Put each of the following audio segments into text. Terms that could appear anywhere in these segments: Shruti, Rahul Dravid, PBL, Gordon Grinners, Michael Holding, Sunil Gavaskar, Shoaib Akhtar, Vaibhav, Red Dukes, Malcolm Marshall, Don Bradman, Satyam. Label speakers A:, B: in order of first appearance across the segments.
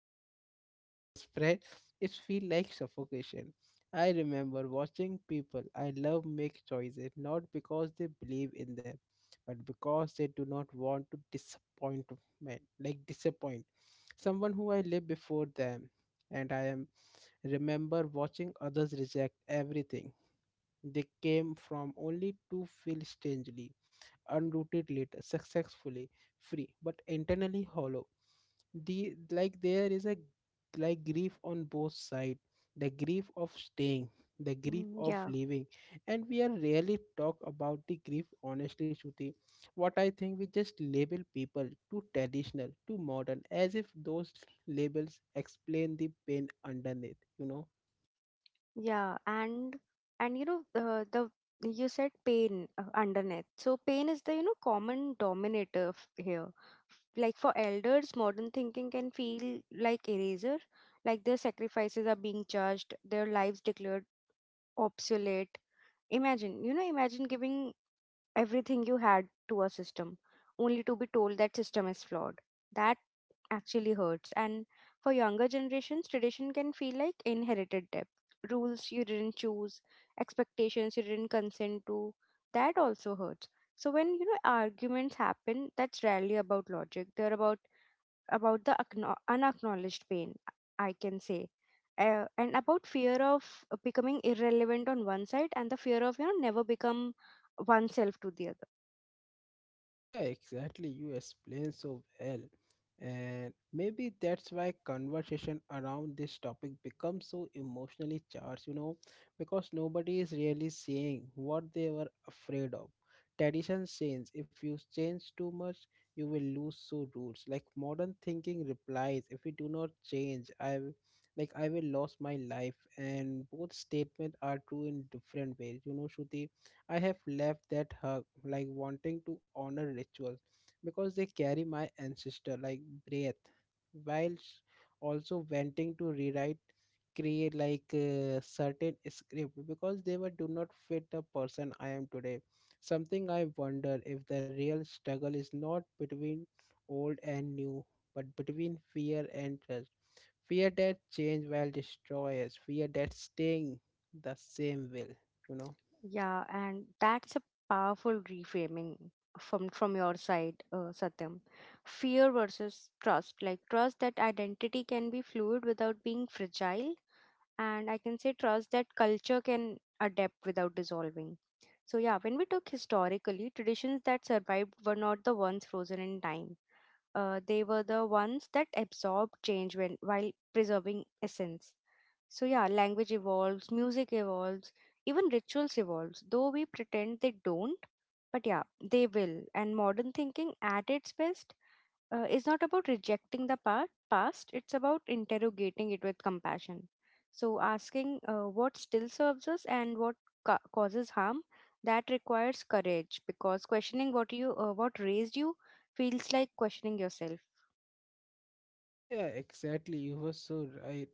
A: modern thinking is spread, it feel like suffocation. I remember watching people I love make choices not because they believe in them, but because they do not want to disappoint, men like disappoint, someone who I lived before them. And I am remember watching others reject everything they came from, only to feel strangely unrooted later, successfully free, but internally hollow. There is a grief on both sides. The grief of staying, the grief
B: Mm,
A: of
B: yeah,
A: leaving, and we are rarely talk about the grief honestly, Shruti. What I think, we just label people too traditional, too modern, as if those labels explain the pain underneath. You know.
B: yeah, and you know, the, you said pain, underneath. So pain is the, common dominator here. Like, for elders, modern thinking can feel like eraser, like their sacrifices are being judged, their lives declared obsolete. Imagine giving everything you had to a system only to be told that system is flawed. That actually hurts. And for younger generations, tradition can feel like inherited debt: rules you didn't choose, expectations you didn't consent to. That also hurts. So when, you know, arguments happen, that's rarely about logic. They're about the unacknowledged pain, I can say, and about fear of becoming irrelevant on one side, and the fear of, you know, never become oneself to the other.
A: Yeah, exactly. You explain so well. And maybe that's why conversation around this topic becomes so emotionally charged, you know, because nobody is really saying what they were afraid of. Tradition change. If you change too much, you will lose so roots. Like modern thinking replies, if we do not change, I will lose my life. And both statements are true in different ways. You know, Shruti, I have left that hug, like wanting to honor rituals because they carry my ancestor like breath, whilst also wanting to rewrite, create like a certain script, because they were do not fit the person I am today. Something I wonder if the real struggle is not between old and new, but between fear and trust. Fear that change will destroy us, fear that staying the same will, you know.
B: Yeah, and that's a powerful reframing from your side, Satyam. Fear versus trust. Like trust that identity can be fluid without being fragile, and I can say trust that culture can adapt without dissolving. So yeah, when we took historically, traditions that survived were not the ones frozen in time. They were the ones that absorbed change when while preserving essence. So yeah, language evolves, music evolves, even rituals evolves, though we pretend they don't. But yeah, they will. And modern thinking at its best is not about rejecting the past, it's about interrogating it with compassion. So asking, what still serves us and what causes harm, that requires courage because questioning what raised you feels like questioning yourself.
A: Yeah, exactly. You were so right.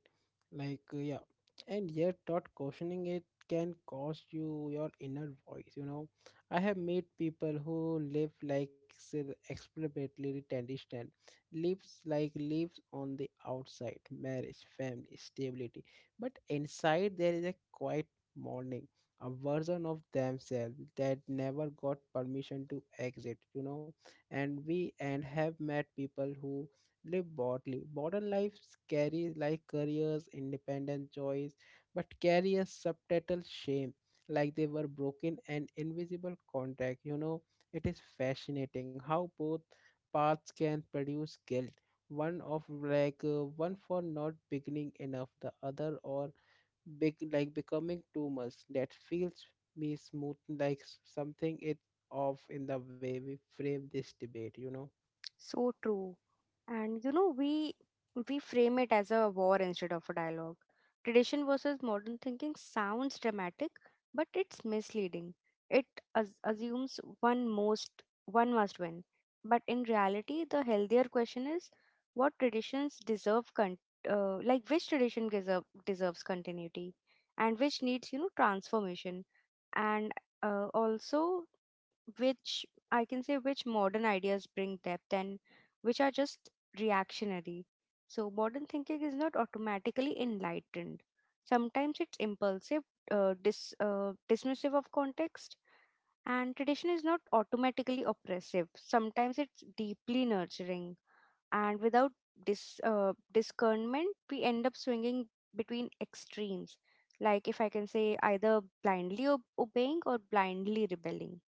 A: Yeah. And yet, not questioning it can cost you your inner voice, you know. I have met people who live, like say, experimentally tradition, lives like lives on the outside, marriage, family, stability. But inside, there is a quiet mourning, a version of themselves that never got permission to exit, you know. And we, and have met people who live bodily. Modern lives carry like careers, independent choice, but carry a subtitle shame, like they were broken and invisible contact. You know, it is fascinating how both paths can produce guilt. One of like One for not beginning enough, the other or big, like becoming too much. That feels me smooth, something it off in the way we frame this debate. You know.
B: So true. And you know, we frame it as a war instead of a dialogue. Tradition versus modern thinking sounds dramatic, but it's misleading. It assumes one must win. But in reality, the healthier question is, what traditions deserve like, which tradition deserves continuity, and which needs, you know, transformation, and also, which I can say which modern ideas bring depth and which are just reactionary. So, modern thinking is not automatically enlightened. Sometimes it's impulsive, dismissive of context, and tradition is not automatically oppressive. Sometimes it's deeply nurturing, and without discernment, we end up swinging between extremes. Like, if I can say, either blindly obeying or blindly rebelling.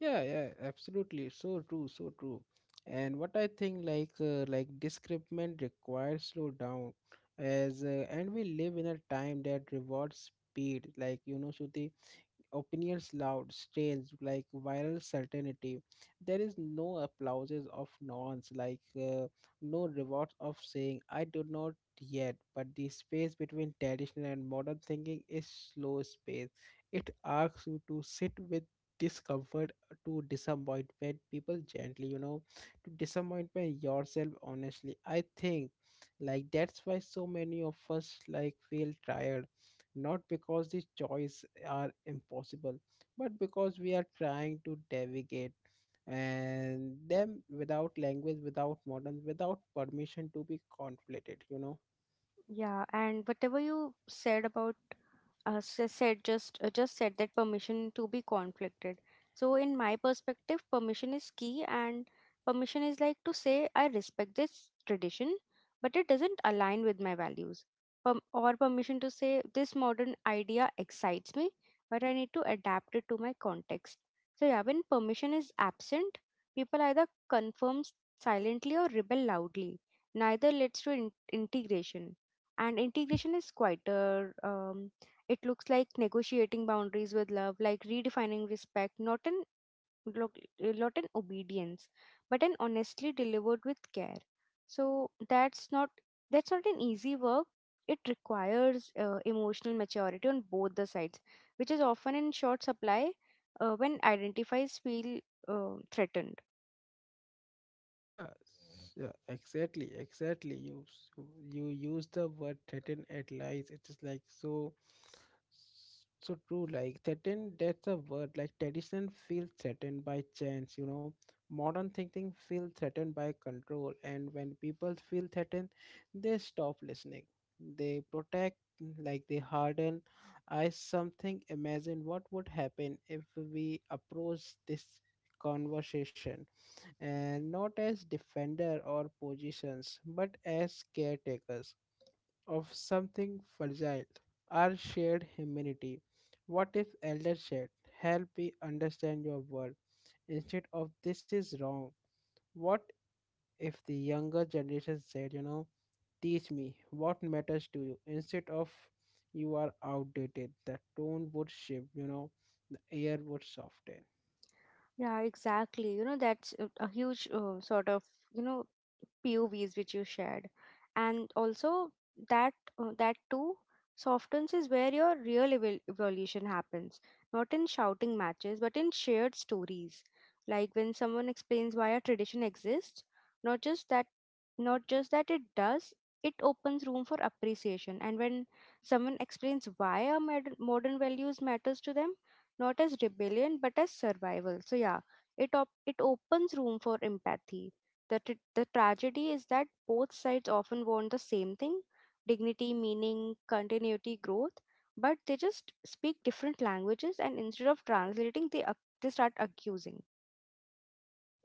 A: Yeah, yeah, absolutely. So true, so true. And what I think, like discernment requires slow down, as and we live in a time that rewards speed. Like you know, Shruti, opinions loud, strange, like viral certainty. There is no applauses of nonce, no rewards of saying I do not yet. But the space between traditional and modern thinking is slow space. It asks you to sit with discomfort, to disappointment people gently, you know, to disappointment yourself honestly. I think like that's why so many of us like feel tired, not because the choice are impossible, but because we are trying to navigate and them without language, without modern, without permission to be conflated, you know.
B: Yeah, and whatever you said about, s- said just said, that permission to be conflicted. So in my perspective, permission is key, and permission is like to say I respect this tradition, but it doesn't align with my values. Or permission to say this modern idea excites me, but I need to adapt it to my context. So yeah, when permission is absent, people either confirm silently or rebel loudly. Neither leads to integration, and integration is quieter. It looks like negotiating boundaries with love, like redefining respect, not in lo- obedience, but in honestly delivered with care. So that's not an easy work. It requires emotional maturity on both the sides, which is often in short supply when identities feel threatened.
A: Yeah, exactly, exactly. You use the word threaten at lies. It is like so true. Like threaten, that's a word. Like tradition feels threatened by chance. You know, modern thinking feels threatened by control. And when people feel threatened, they stop listening. They protect, like they harden. I something imagine what would happen if we approach this conversation, and not as defender or positions, but as caretakers of something fragile, our shared humanity. What if elder said, help me understand your world, instead of this is wrong? What if the younger generation said, you know, teach me what matters to you, instead of you are outdated? The tone would shift, you know, the air would soften.
B: Yeah, exactly. You know, that's a huge, sort of, you know, POVs which you shared. And also that too softens is where your real evolution happens, not in shouting matches, but in shared stories. Like when someone explains why a tradition exists, not just that not just that it does, it opens room for appreciation. And when someone explains why our modern values matters to them, not as rebellion but as survival. So yeah, it opens room for empathy. The tragedy is that both sides often want the same thing: dignity, meaning, continuity, growth, but they just speak different languages, and instead of translating, they start accusing.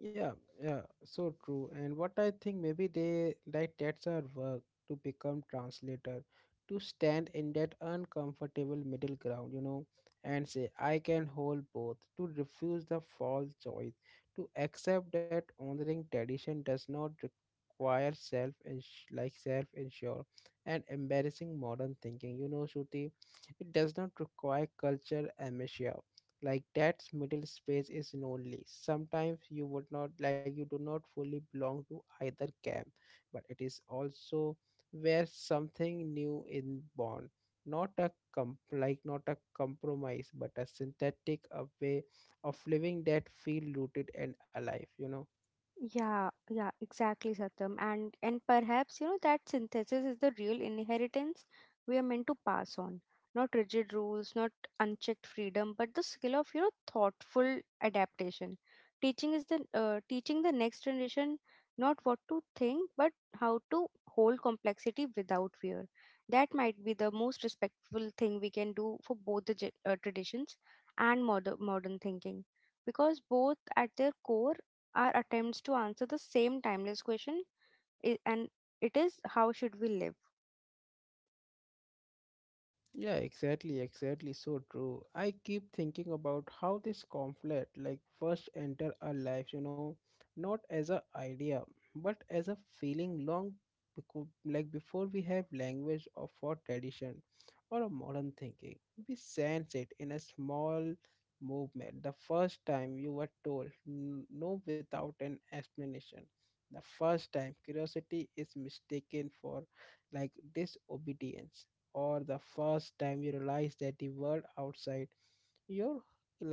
A: Yeah, yeah, so true. And what I think, maybe they like that's our work, to become translator, to stand in that uncomfortable middle ground, you know, and say I can hold both, to refuse the false choice, to accept that honoring tradition does not require self, and like self insure and embarrassing modern thinking. You know, Shruti, it does not require culture amnesia. Like that middle space is lonely sometimes. You do not fully belong to either camp, but it is also where something new in born. Not a compromise, but a synthetic, a way of living that feel rooted and alive, you know.
B: Yeah, yeah, exactly, Satyam. And perhaps, you know, that synthesis is the real inheritance we are meant to pass on. Not rigid rules, not unchecked freedom, but the skill of, you know, thoughtful adaptation. Teaching the next generation not what to think, but how to hold complexity without fear. That might be the most respectful thing we can do for both the traditions and modern thinking, because both at their core are attempts to answer the same timeless question, and it is, how should we live?
A: Yeah, exactly, exactly. So true. I keep thinking about how this conflict, like, first enter our lives, you know, not as a idea, but as a feeling long, before we have language of for tradition or a modern thinking. We sense it in a small movement. The first time you were told no without an explanation. The first time curiosity is mistaken for like disobedience. Or the first time you realize that the world outside your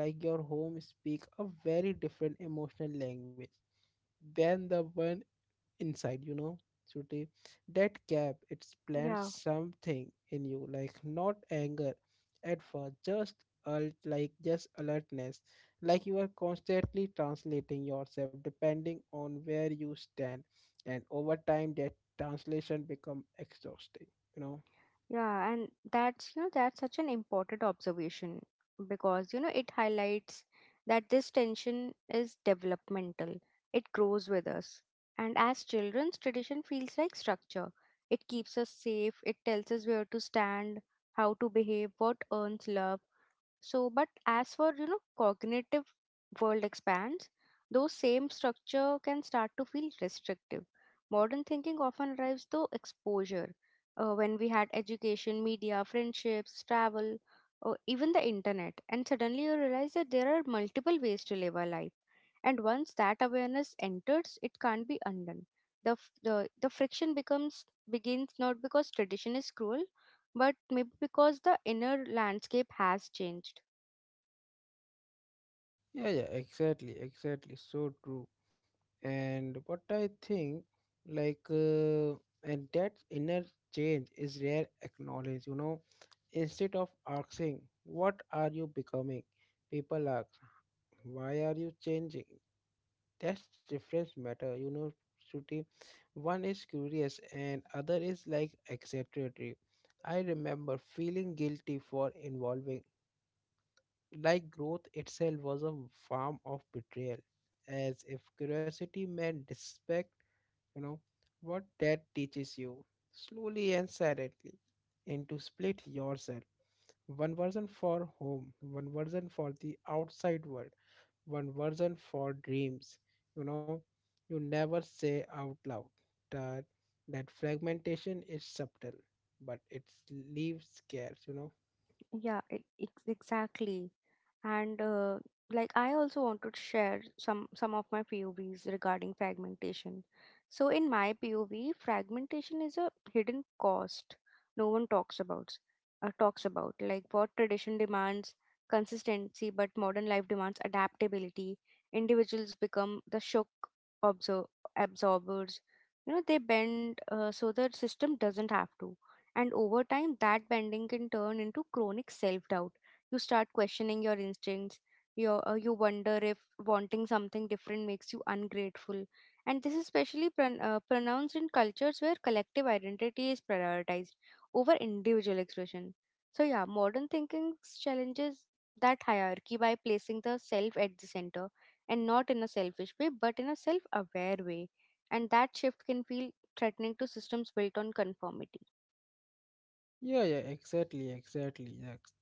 A: your home speak a very different emotional language than the one inside, you know, Shruti. That gap it's plants
B: Yeah,
A: something in you, like not anger at first, just alt like just alertness. Like you are constantly translating yourself depending on where you stand. And over time that translation become exhausting, you know.
B: yeah, and that's you know that's such an important observation, because you know it highlights that this tension is developmental. It grows with us, and as children's tradition feels like structure. It keeps us safe. It tells us where to stand, how to behave, what earns love. So, but as for, you know, cognitive world expands, those same structure can start to feel restrictive. Modern thinking often drives the exposure. When we had education, media, friendships, travel, or even the internet, and suddenly you realize that there are multiple ways to live our life. And once that awareness enters, it can't be undone. The friction becomes begins, not because tradition is cruel, but maybe because the inner landscape has changed.
A: Yeah, yeah, exactly, exactly. So true. And what I think, like, uh, and that inner change is rare acknowledged, you know. Instead of asking, what are you becoming? People ask, why are you changing? That's difference matter, you know, Shruti. One is curious and other is like exaggeratory. I remember feeling guilty for involving, like growth itself was a form of betrayal, as if curiosity meant disrespect, you know. What that teaches you, slowly and silently, and to split yourself. One version for home, one version for the outside world, one version for dreams. You know, you never say out loud that that fragmentation is subtle, but it leaves scares, you know.
B: Yeah, exactly, and like I also want to share some of my POVs regarding fragmentation. So in my POV, fragmentation is a hidden cost no one talks about, like, what tradition demands: consistency. But modern life demands adaptability. Individuals become the shock absor- absorbers, you know. They bend, so the system doesn't have to, and over time that bending can turn into chronic self doubt. You start questioning your instincts. You wonder if wanting something different makes you ungrateful, and this is especially pronounced in cultures where collective identity is prioritized over individual expression. So yeah, modern thinking challenges that hierarchy by placing the self at the center, and not in a selfish way but in a self aware way, and that shift can feel threatening to systems built on conformity.
A: Yeah, yeah, exactly, exactly. Yeah,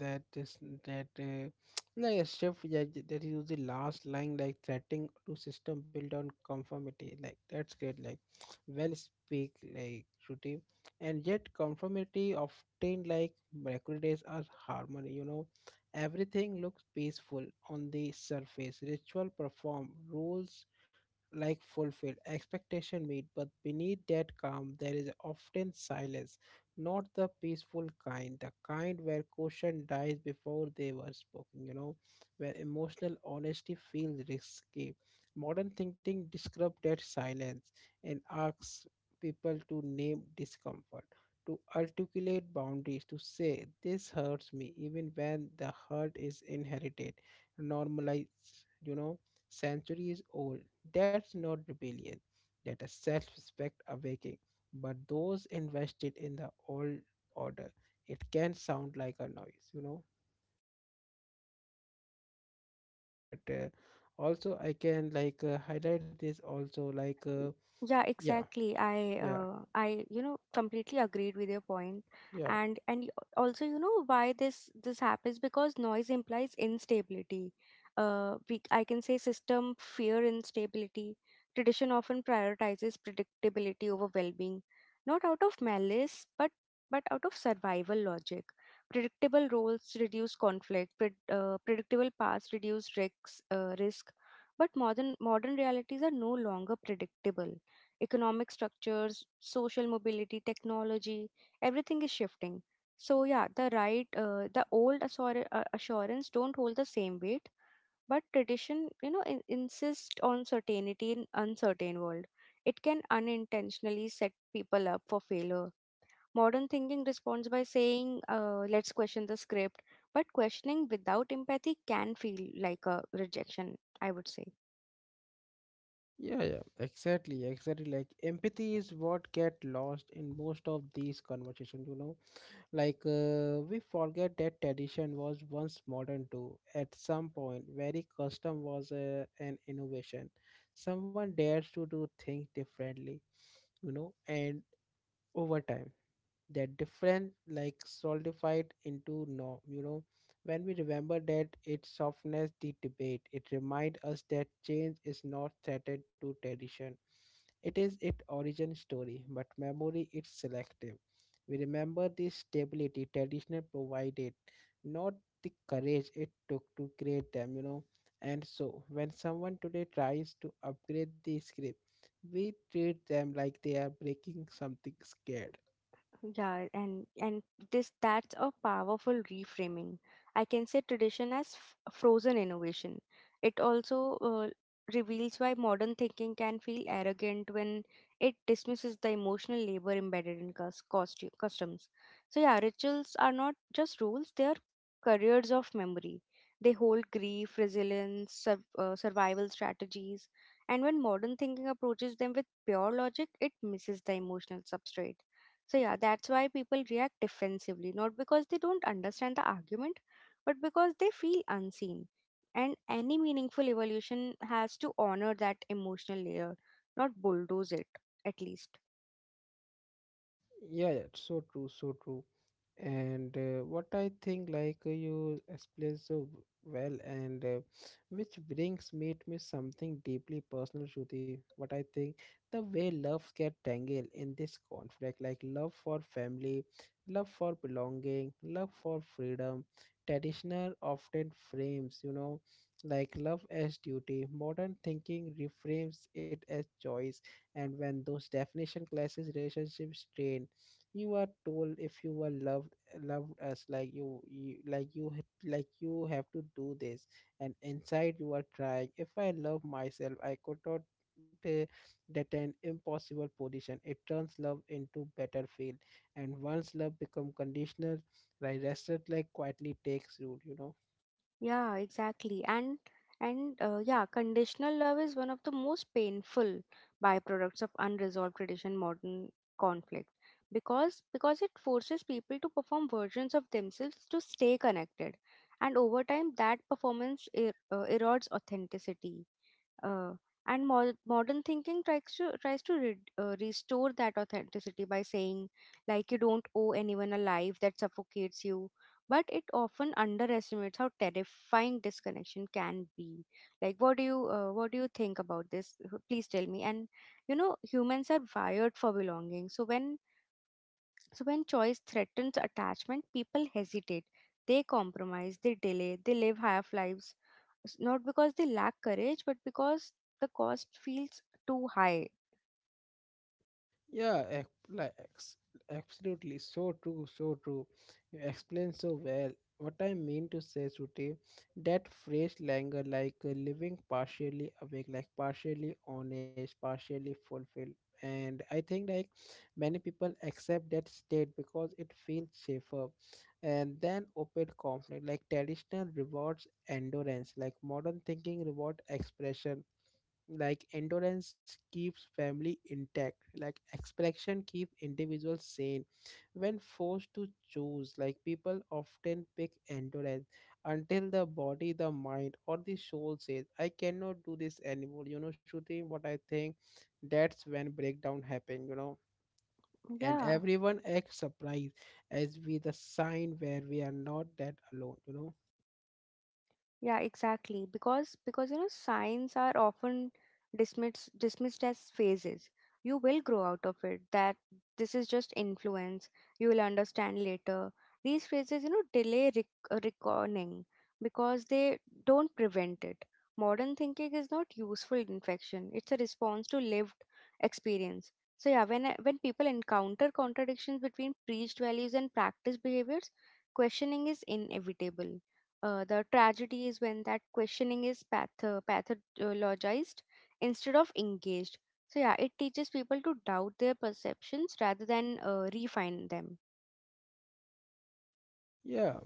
A: that is that like a shift. Yeah, that is the last line, like threatening to system built on conformity. Like that's great. Like well speak, like Shruti, and yet conformity often like mercurides as harmony. You know, everything looks peaceful on the surface. Ritual perform rules like fulfilled expectation meet, but beneath that calm there is often silence. Not the peaceful kind, the kind where caution dies before they were spoken, where emotional honesty feels risky. Modern thinking describes that silence and asks people to name discomfort, to articulate boundaries, to say this hurts me even when the hurt is inherited. Normalize, centuries old. That's not rebellion, that is self respect awakening. But those invested in the old order, it can sound like a noise, you know. But also, I can like highlight this also, like,
B: Y- Yeah,
A: yeah,
B: exactly. I
A: yeah,
B: uh, I you know, completely agreed with your point.
A: yeah.
B: And also, you know, why this happens, because noise implies instability. We I can say, system fear instability. Tradition often prioritizes predictability over well-being, not out of malice, but out of survival logic. Predictable roles reduce conflict. Predictable paths reduce risks. Risk But modern realities are no longer predictable. Economic structures, social mobility, technology, everything is shifting. So yeah, the old assurance don't hold the same weight, but tradition, you know, insists on certainty in uncertain world. It can unintentionally set people up for failure. Modern thinking responds by saying, "Let's question the script," but questioning without empathy can feel like a rejection, I would say.
A: Yeah, yeah, exactly, exactly. Like empathy is what get lost in most of these conversations, like we forget that tradition was once modern too. At some point, very custom was an innovation. Someone dares to do things differently, you know, and over time. That different like solidified into norm, when we remember that, it softens the debate. It reminds us that change is not threatened to tradition, it is its origin story. But memory is selective. We remember the stability traditional provided, not the courage it took to create them, and so when someone today tries to upgrade the script, we treat them like they are breaking something scared.
B: Yeah, and this that's a powerful reframing. I can say, tradition as frozen innovation. It also reveals why modern thinking can feel arrogant when it dismisses the emotional labor embedded in cus- costu customs. So yeah, rituals are not just rules; they are careers of memory. They hold grief, resilience, survival strategies, and when modern thinking approaches them with pure logic, it misses the emotional substrate, so yeah, that's why people react defensively, not because they don't understand the argument, but because they feel unseen. And any meaningful evolution has to honor that emotional layer, not bulldoze it, at least.
A: Yeah, yeah, it's so true, so true. And what I think, like you explained so well, and which brings me to me something deeply personal, Shruti. What I think, the way loves get tangled in this conflict, like love for family, love for belonging, love for freedom, traditional often frames, you know, like love as duty. Modern thinking reframes it as choice, and when those definition clashes, relationships strain. You are told if you were loved, loved us like you, you have to do this, and inside you are trying, if I love myself, I could not. uh, that an impossible position, it turns love into battlefield, and once love become conditional, the rest like quietly takes root, you know.
B: Yeah, exactly. And Yeah, conditional love is one of the most painful byproducts of unresolved tradition modern conflict because it forces people to perform versions of themselves to stay connected. And over time, that performance erodes authenticity. Uh, Modern thinking tries to restore that authenticity by saying, like, you don't owe anyone a life that suffocates you, but it often underestimates how terrifying disconnection can be. Like, what do you think about this? Please tell me. And you know, humans are wired for belonging, so when choice threatens attachment, people hesitate. They compromise, they delay, they live half lives. Not because they lack courage, but because the cost feels too high.
A: Yeah, ex- like ex- Absolutely, so true, so true. You explain so well. What I mean to say, Shruti, that phrase languor, like living partially awake, like partially honest, partially fulfilled. And I think like many people accept that state because it feels safer. And then open conflict, like traditional rewards endurance, like modern thinking reward expression, like endurance keeps family intact, like expression keeps individuals sane. When forced to choose, like people often pick endurance, until the body, the mind, or the soul says I cannot do this anymore, you know. Shooting, what I think, that's when breakdown happen, you know, and
B: Yeah.
A: everyone acts surprised as we the sign where we are not that alone, you know.
B: Yeah, exactly. Because you know, signs are often dismissed as phases. You will grow out of it. That this is just influence. You will understand later. These phrases, you know, delay reckoning because they don't prevent it. Modern thinking is not useful infection. It's a response to lived experience. So yeah, when people encounter contradictions between preached values and practiced behaviors, questioning is inevitable. The tragedy is when that questioning is pathologized instead of engaged. So, yeah, it teaches people to doubt their perceptions rather than refine them.
A: Yeah,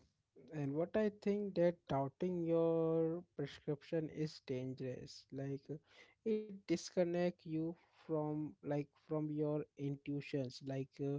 A: and what I think, that doubting your prescription is dangerous, like it disconnect you from, like from your intuitions, like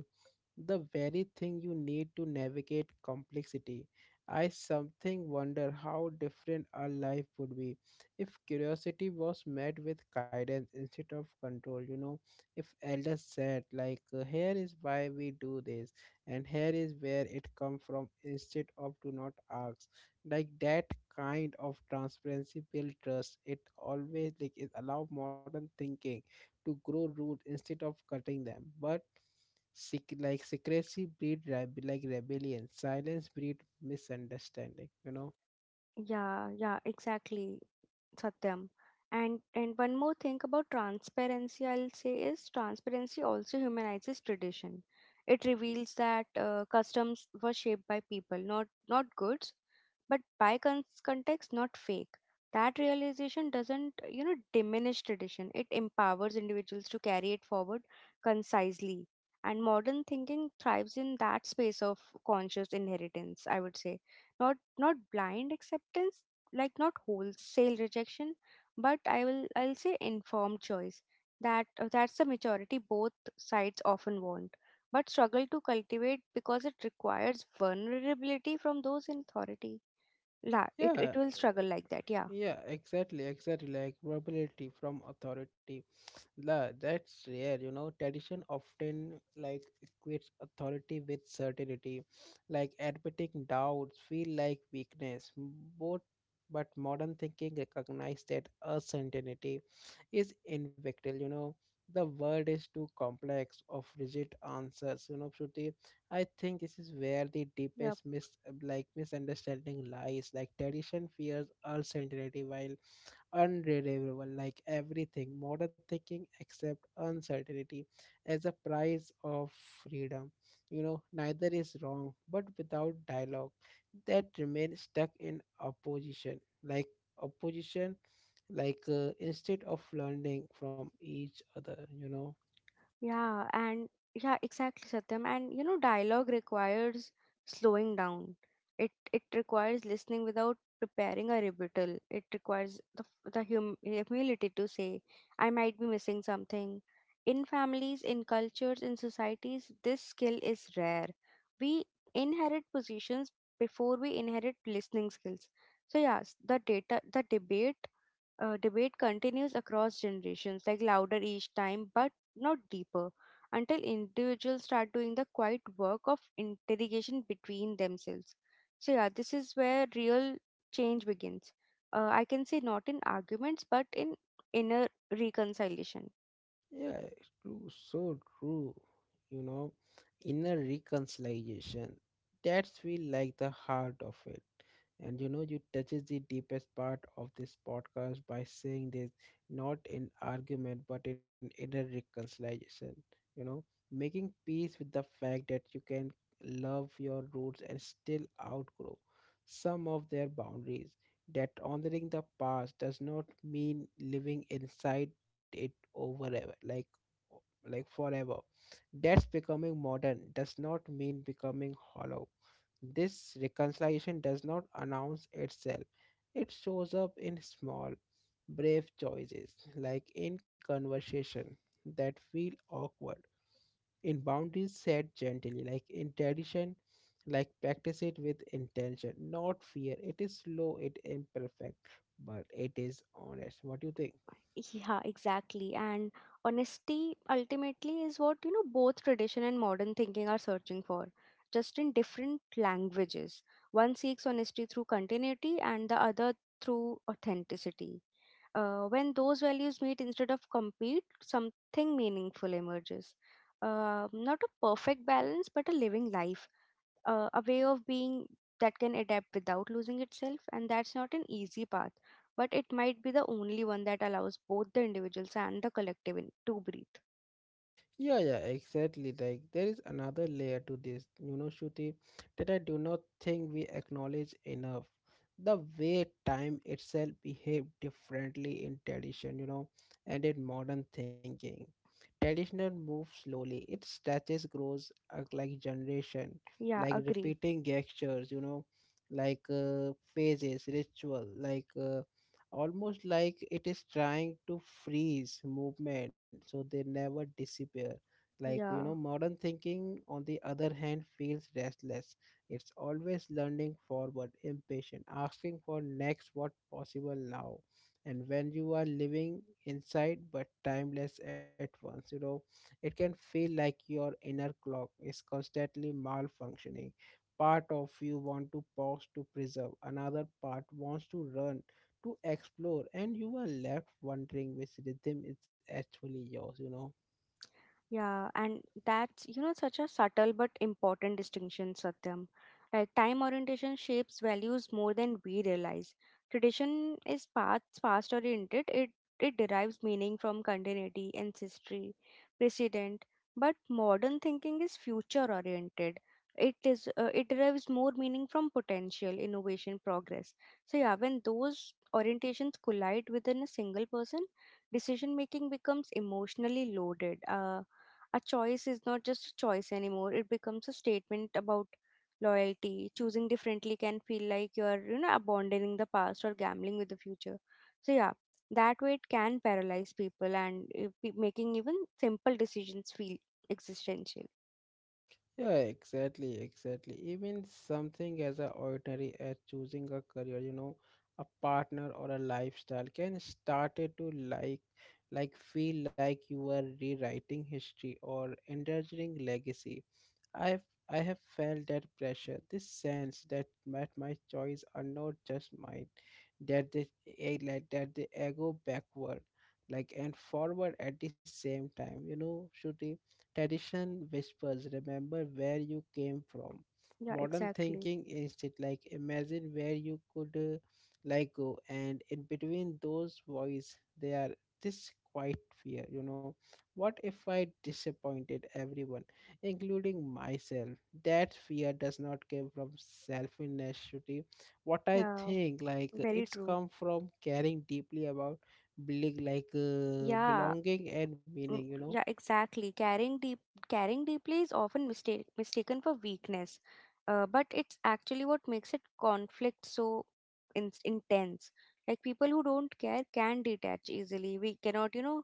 A: the very thing you need to navigate complexity. I something wonder how different our life would be if curiosity was met with guidance instead of control. You know, if elders said like, "Here is why we do this," and "Here is where it come from," instead of "Do not ask." Like that kind of transparency build trust. It always, like it allow modern thinking to grow root instead of cutting them, but secrecy breed rebellion. Silence breed misunderstanding. You know.
B: Yeah, yeah, exactly. Satyam. And one more thing about transparency, I'll say, is transparency also humanizes tradition. It reveals that customs were shaped by people, not goods, but by context, not fake. That realization doesn't, you know, diminish tradition. It empowers individuals to carry it forward concisely. And modern thinking thrives in that space of conscious inheritance. I would say, not blind acceptance, like not wholesale rejection, but I'll say informed choice. That's the majority both sides often want, but struggle to cultivate because it requires vulnerability from those in authority. La it
A: Yeah.
B: will struggle like that, yeah,
A: Yeah. Exactly. Exactly. Like rebellion from authority. La, that's rare, you know. Tradition often like equates authority with certainty, like admitting doubts feel like weakness. Both, but modern thinking recognizes that uncertainty is inevitable. You know, the world is too complex of rigid answers. You know, Shruti, I think this is where the
B: yeah.
A: deepest misunderstanding lies. Like tradition fears uncertainty, while unreliable like everything. Modern thinking except uncertainty as a price of freedom, neither is wrong, but without dialogue, that remains stuck in opposition, like opposition, like instead of learning from each other, you know.
B: Yeah, and Yeah, exactly, Satyam. And you know, dialogue requires slowing down. It requires listening without preparing a rebuttal. It requires the humility to say, "I might be missing something." In families, in cultures, in societies, this skill is rare. We inherit positions before we inherit listening skills. So yes, the data, the debate debate continues across generations, like louder each time, but not deeper, until individuals start doing the quiet work of interrogation between themselves. So, yeah, this is where real change begins. I can say, not in arguments, but in inner reconciliation.
A: Yeah, it's true, so true. You know, inner reconciliation. That feel like the heart of it. And you know, you touches the deepest part of this podcast by saying this, not in argument but in inner reconciliation. You know, making peace with the fact that you can love your roots and still outgrow some of their boundaries, that honoring the past does not mean living inside it forever, like like forever, that's becoming modern does not mean becoming hollow. This reconciliation does not announce itself, it shows up in small brave choices, like in conversation that feel awkward, in boundaries set gently, like in tradition like practice it with intention not fear. It is slow, it imperfect, but it is honest. What do you think?
B: Yeah, exactly. And honesty, ultimately, is what, you know, both tradition and modern thinking are searching for, just in different languages. One seeks honesty through continuity and the other through authenticity. When those values meet instead of compete, something meaningful emerges. Not a perfect balance, but a living life, a way of being that can adapt without losing itself, and that's not an easy path, but it might be the only one that allows both the individuals and the collective in, to breathe.
A: Yeah, yeah, exactly. Like there is another layer to this, you know, Shruti, that I do not think we acknowledge enough. The way time itself behaved differently in tradition, you know, and in modern thinking. Traditional moves slowly. It stretches, grows like generation,
B: Yeah,
A: like
B: agree.
A: repeating gestures, you know, like phases, ritual, like almost like it is trying to freeze movement so they never disappear, like, you know,
B: Yeah.
A: modern thinking, on the other hand, feels restless. It's always learning forward, impatient, asking for next what possible now. And when you are living inside but timeless at once, you know, it can feel like your inner clock is constantly malfunctioning. Part of you want to pause to preserve, another part wants to run to explore, and you are left wondering which rhythm is actually yours, you know.
B: Yeah, and that's, you know, such a subtle but important distinction, Satyam. Like, time orientation shapes values more than we realize. Tradition is past oriented. It derives meaning from continuity, ancestry, precedent. But modern thinking is future oriented. It is, it derives more meaning from potential, innovation, progress. So yeah, when those orientations collide within a single person, decision making becomes emotionally loaded. A choice is not just a choice anymore, it becomes a statement about loyalty. Choosing differently can feel like you're, you know, abandoning the past or gambling with the future. So, yeah, that way it can paralyze people and making even simple decisions feel existential.
A: Yeah, exactly, exactly. Even something as a ordinary as choosing a career, you know, a partner or a lifestyle can start it to like feel like you are rewriting history or endangering legacy. I've I have felt that pressure, this sense that my choice are not just mine, that they like that they go backward like and forward at the same time, you know. Shruti, tradition whispers remember where you came from.
B: Yeah,
A: Modern
B: exactly.
A: thinking is it like imagine where you could like go, and in between those voice they are this quiet fear, you know, what if I disappointed everyone, including myself. That fear does not come from selfishness. What I
B: Yeah,
A: think, like
B: very
A: it's
B: true.
A: come from caring deeply about building like
B: Yeah.
A: belonging and meaning,
B: Mm.
A: you know.
B: Yeah, exactly. Caring deeply is often mistaken for weakness, but it's actually what makes it conflict so intense. Like, people who don't care can detach easily. We cannot, you know,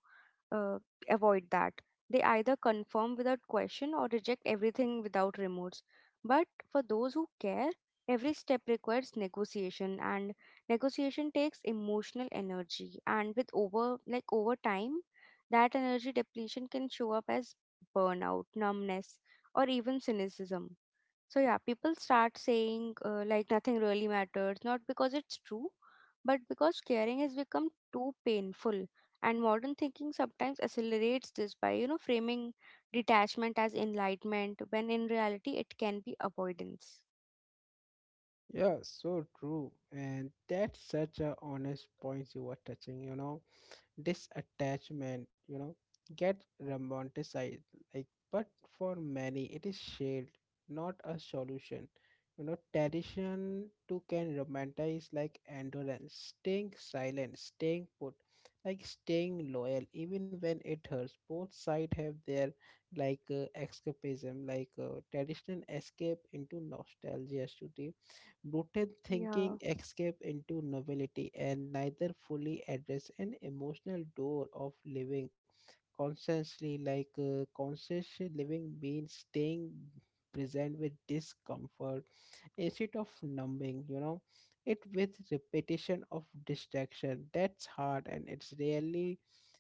B: uh, avoid that. They either conform without question or reject everything without remorse. But for those who care, every step requires negotiation, and negotiation takes emotional energy. And with over time, that energy depletion can show up as burnout, numbness, or even cynicism. So, yeah, people start saying, like, nothing really matters, not because it's true, but because caring has become too painful. And modern thinking sometimes accelerates this by, you know, framing detachment as enlightenment when in reality it can be avoidance.
A: Yeah, so true. And that's such a honest point you were touching, you know. Disattachment, you know, get romanticized, like, but for many it is shared, not a solution, you know. Tradition too can romanticize like endurance, staying silent, staying put, like staying loyal even when it hurts. Both sides have their like escapism, like traditional escape into nostalgia. Rooted
B: Yeah,
A: thinking escape into novelty, and neither fully address an emotional door of living consciously, like conscious living means staying present with discomfort instead of numbing, you know, it with repetition of distraction. That's hard, and it's really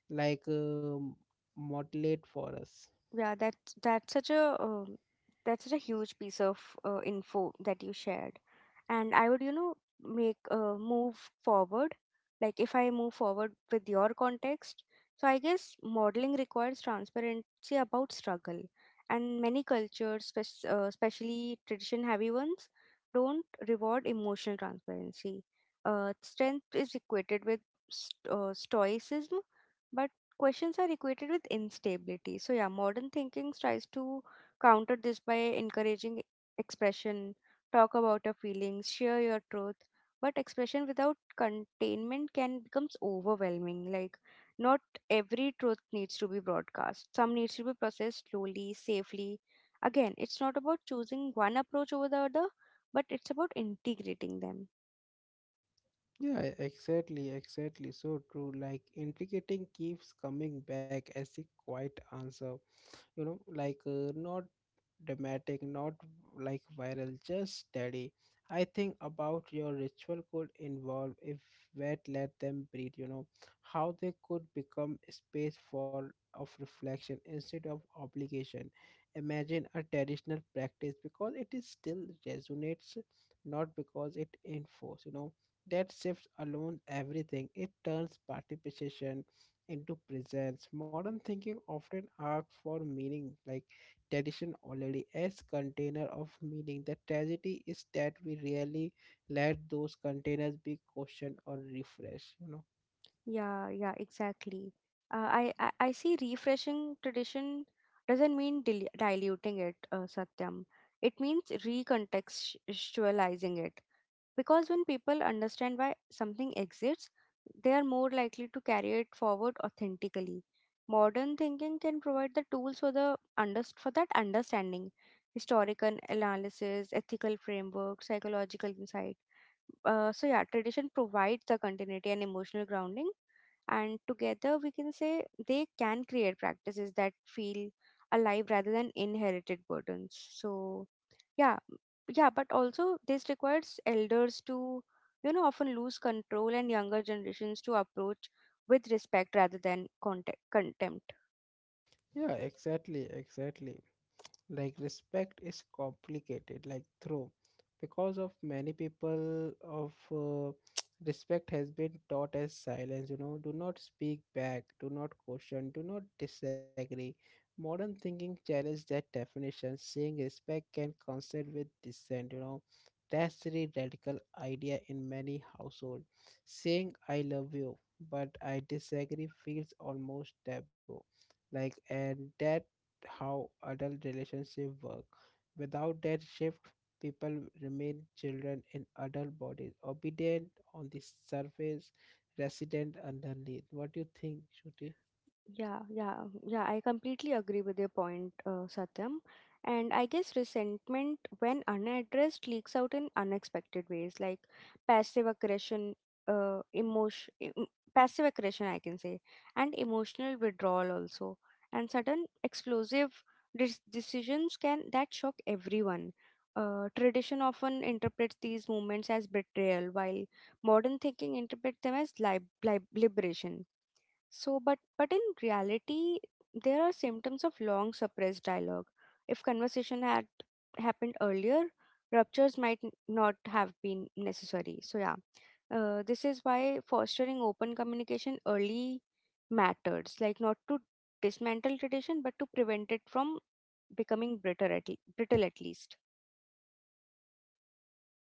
A: like modulate for us.
B: that's such a that's such a huge piece of info that you shared. And I would, you know, make move forward, like, if I move forward with your context, so I guess modeling requires transparency about struggle, and many cultures especially tradition heavy ones, don't reward emotional transparency. Uh, strength is equated with stoicism, but questions are equated with instability. So yeah, modern thinking tries to counter this by encouraging expression. Talk about your feelings, share your truth. But expression without containment can becomes overwhelming. Like, not every truth needs to be broadcast. Some needs to be processed slowly, safely. Again, it's not about choosing one approach over the other, but it's about integrating them.
A: Yeah, exactly, exactly. So true. Like, intricating keeps coming back as a quiet answer, you know, like not dramatic, not like viral, just steady. I think about your ritual could involve if wet let them breathe, you know, how they could become a space for of reflection instead of obligation. Imagine a traditional practice because it is still resonates, not because it enforces, you know. That shifts alone everything, it turns participation into presence. Modern thinking often asks for meaning, like tradition already as container of meaning. The tragedy is that we rarely let those containers be questioned or refreshed. You know.
B: Yeah, yeah, exactly. I see refreshing tradition doesn't mean diluting it, Satyam. It means recontextualizing it. Because when people understand why something exists, they are more likely to carry it forward authentically. Modern thinking can provide the tools for for that understanding, historical analysis, ethical framework, psychological insight. So yeah, tradition provides the continuity and emotional grounding, and together we can say they can create practices that feel alive rather than inherited burdens. So yeah, yeah, but also this requires elders to, you know, often lose control, and younger generations to approach with respect rather than contempt.
A: Yeah, exactly, exactly. Like respect is complicated, like through, because of many people of respect has been taught as silence, you know, do not speak back, do not question, do not disagree. Modern thinking challenges that definition saying respect can coincide with dissent, you know, that's the radical idea. In many households, saying I love you but I disagree feels almost taboo, like, and that how adult relationships work. Without that shift, people remain children in adult bodies, obedient on the surface, resident underneath. What do you think, Shruti?
B: Yeah, yeah, yeah. I completely agree with your point, Satyam. And I guess resentment, when unaddressed, leaks out in unexpected ways, like passive aggression, uh, emotion, em- passive aggression, I can say, and emotional withdrawal also, and sudden explosive decisions can that shock everyone. Tradition often interprets these movements as betrayal, while modern thinking interprets them as liberation. So, but in reality, there are symptoms of long suppressed dialogue. If conversation had happened earlier, ruptures might not have been necessary. So, yeah, this is why fostering open communication early matters. Like, not to dismantle tradition, but to prevent it from becoming brittle at least.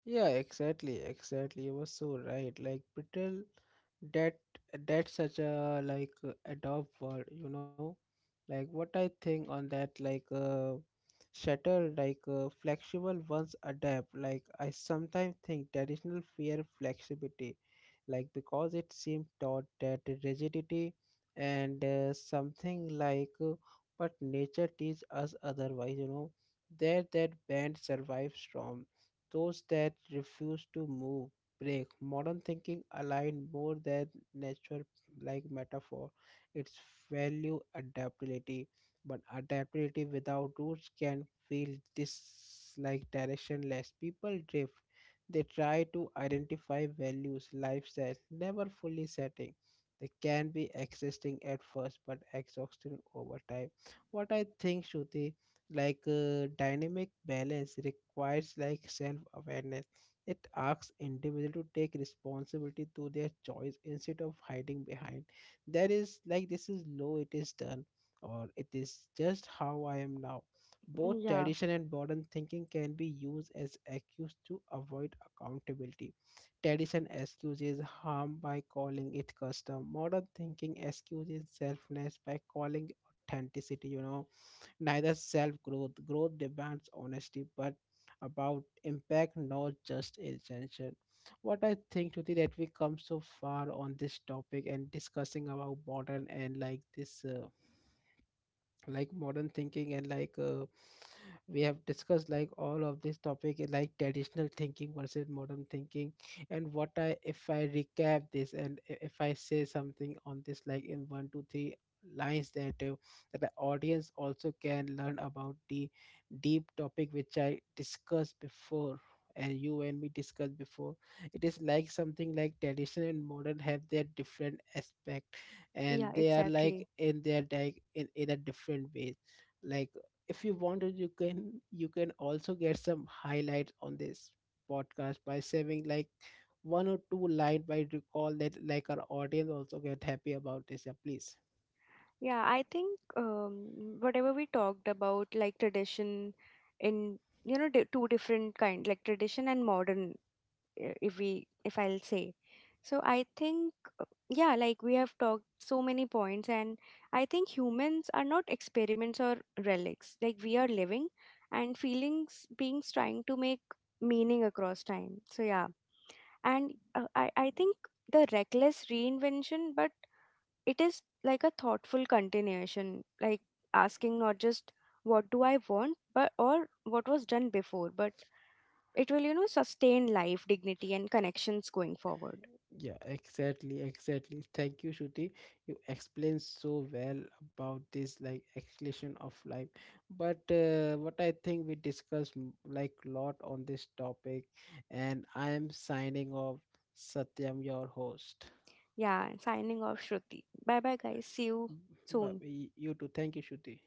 A: Yeah, exactly, exactly. You were so right. Like brittle, that that's such a like adopt word, you know. Like what I think on that, like shatter, like flexible ones adapt. Like I sometimes think traditional fear flexibility, like because it seemed taught that rigidity and something like, but nature teaches us otherwise, you know. There that band survives storm, those that refuse to move, break. Modern thinking aligned more than nature like metaphor. Its value adaptability, but adaptability without roots can feel dis like directionless. People drift. They try to identify values, lifestyles, never fully setting. They can be existing at first but exhausting over time. What I think, Shruti, like dynamic balance requires like self-awareness. It asks individual to take responsibility to their choice instead of hiding behind, there is like this is low it is done, or it is just how I am now. Both
B: Mm. Yeah,
A: tradition and modern thinking can be used as excuse to avoid accountability. Tradition excuses harm by calling it custom, modern thinking excuses selfness by calling authenticity, you know. Neither. Self growth demands honesty, but about impact, not just essential. What I think today, that we come so far on this topic and discussing about modern and like this like modern thinking and like we have discussed like all of this topic like traditional thinking versus modern thinking. And what I, if I recap this, and if I say something on this like in one two three lines, that that the audience also can learn about the deep topic which I discussed before, and you and me discussed before. It is like something like tradition and modern have their different aspect,
B: yeah,
A: and they are like
B: exactly.
A: in their like in a different way, like if you wanted you can, you can also get some highlights on this podcast by saving like one or two line by recall that like our audience also get happy about this. Yeah, please.
B: Yeah, I think, whatever we talked about, like tradition in, you know, di two different kind, like tradition and modern, if I'll say. So I think, yeah, like we have talked so many points, and I think humans are not experiments or relics. Like, we are living and feelings, beings trying to make meaning across time. So yeah, and I think the reckless reinvention, but it is like a thoughtful continuation, like asking not just what do I want, but or what was done before, but it will, you know, sustain life, dignity, and connections going forward.
A: Yeah, exactly, exactly. Thank you, Shruti. You explained so well about this like exhalation of life. But what I think we discussed lot on this topic, and I am signing off. Satyam, your host.
B: Yeah, signing off, Shruti. Bye bye, guys. See you
A: B- But
B: soon.
A: you too. Thank you, Shruti.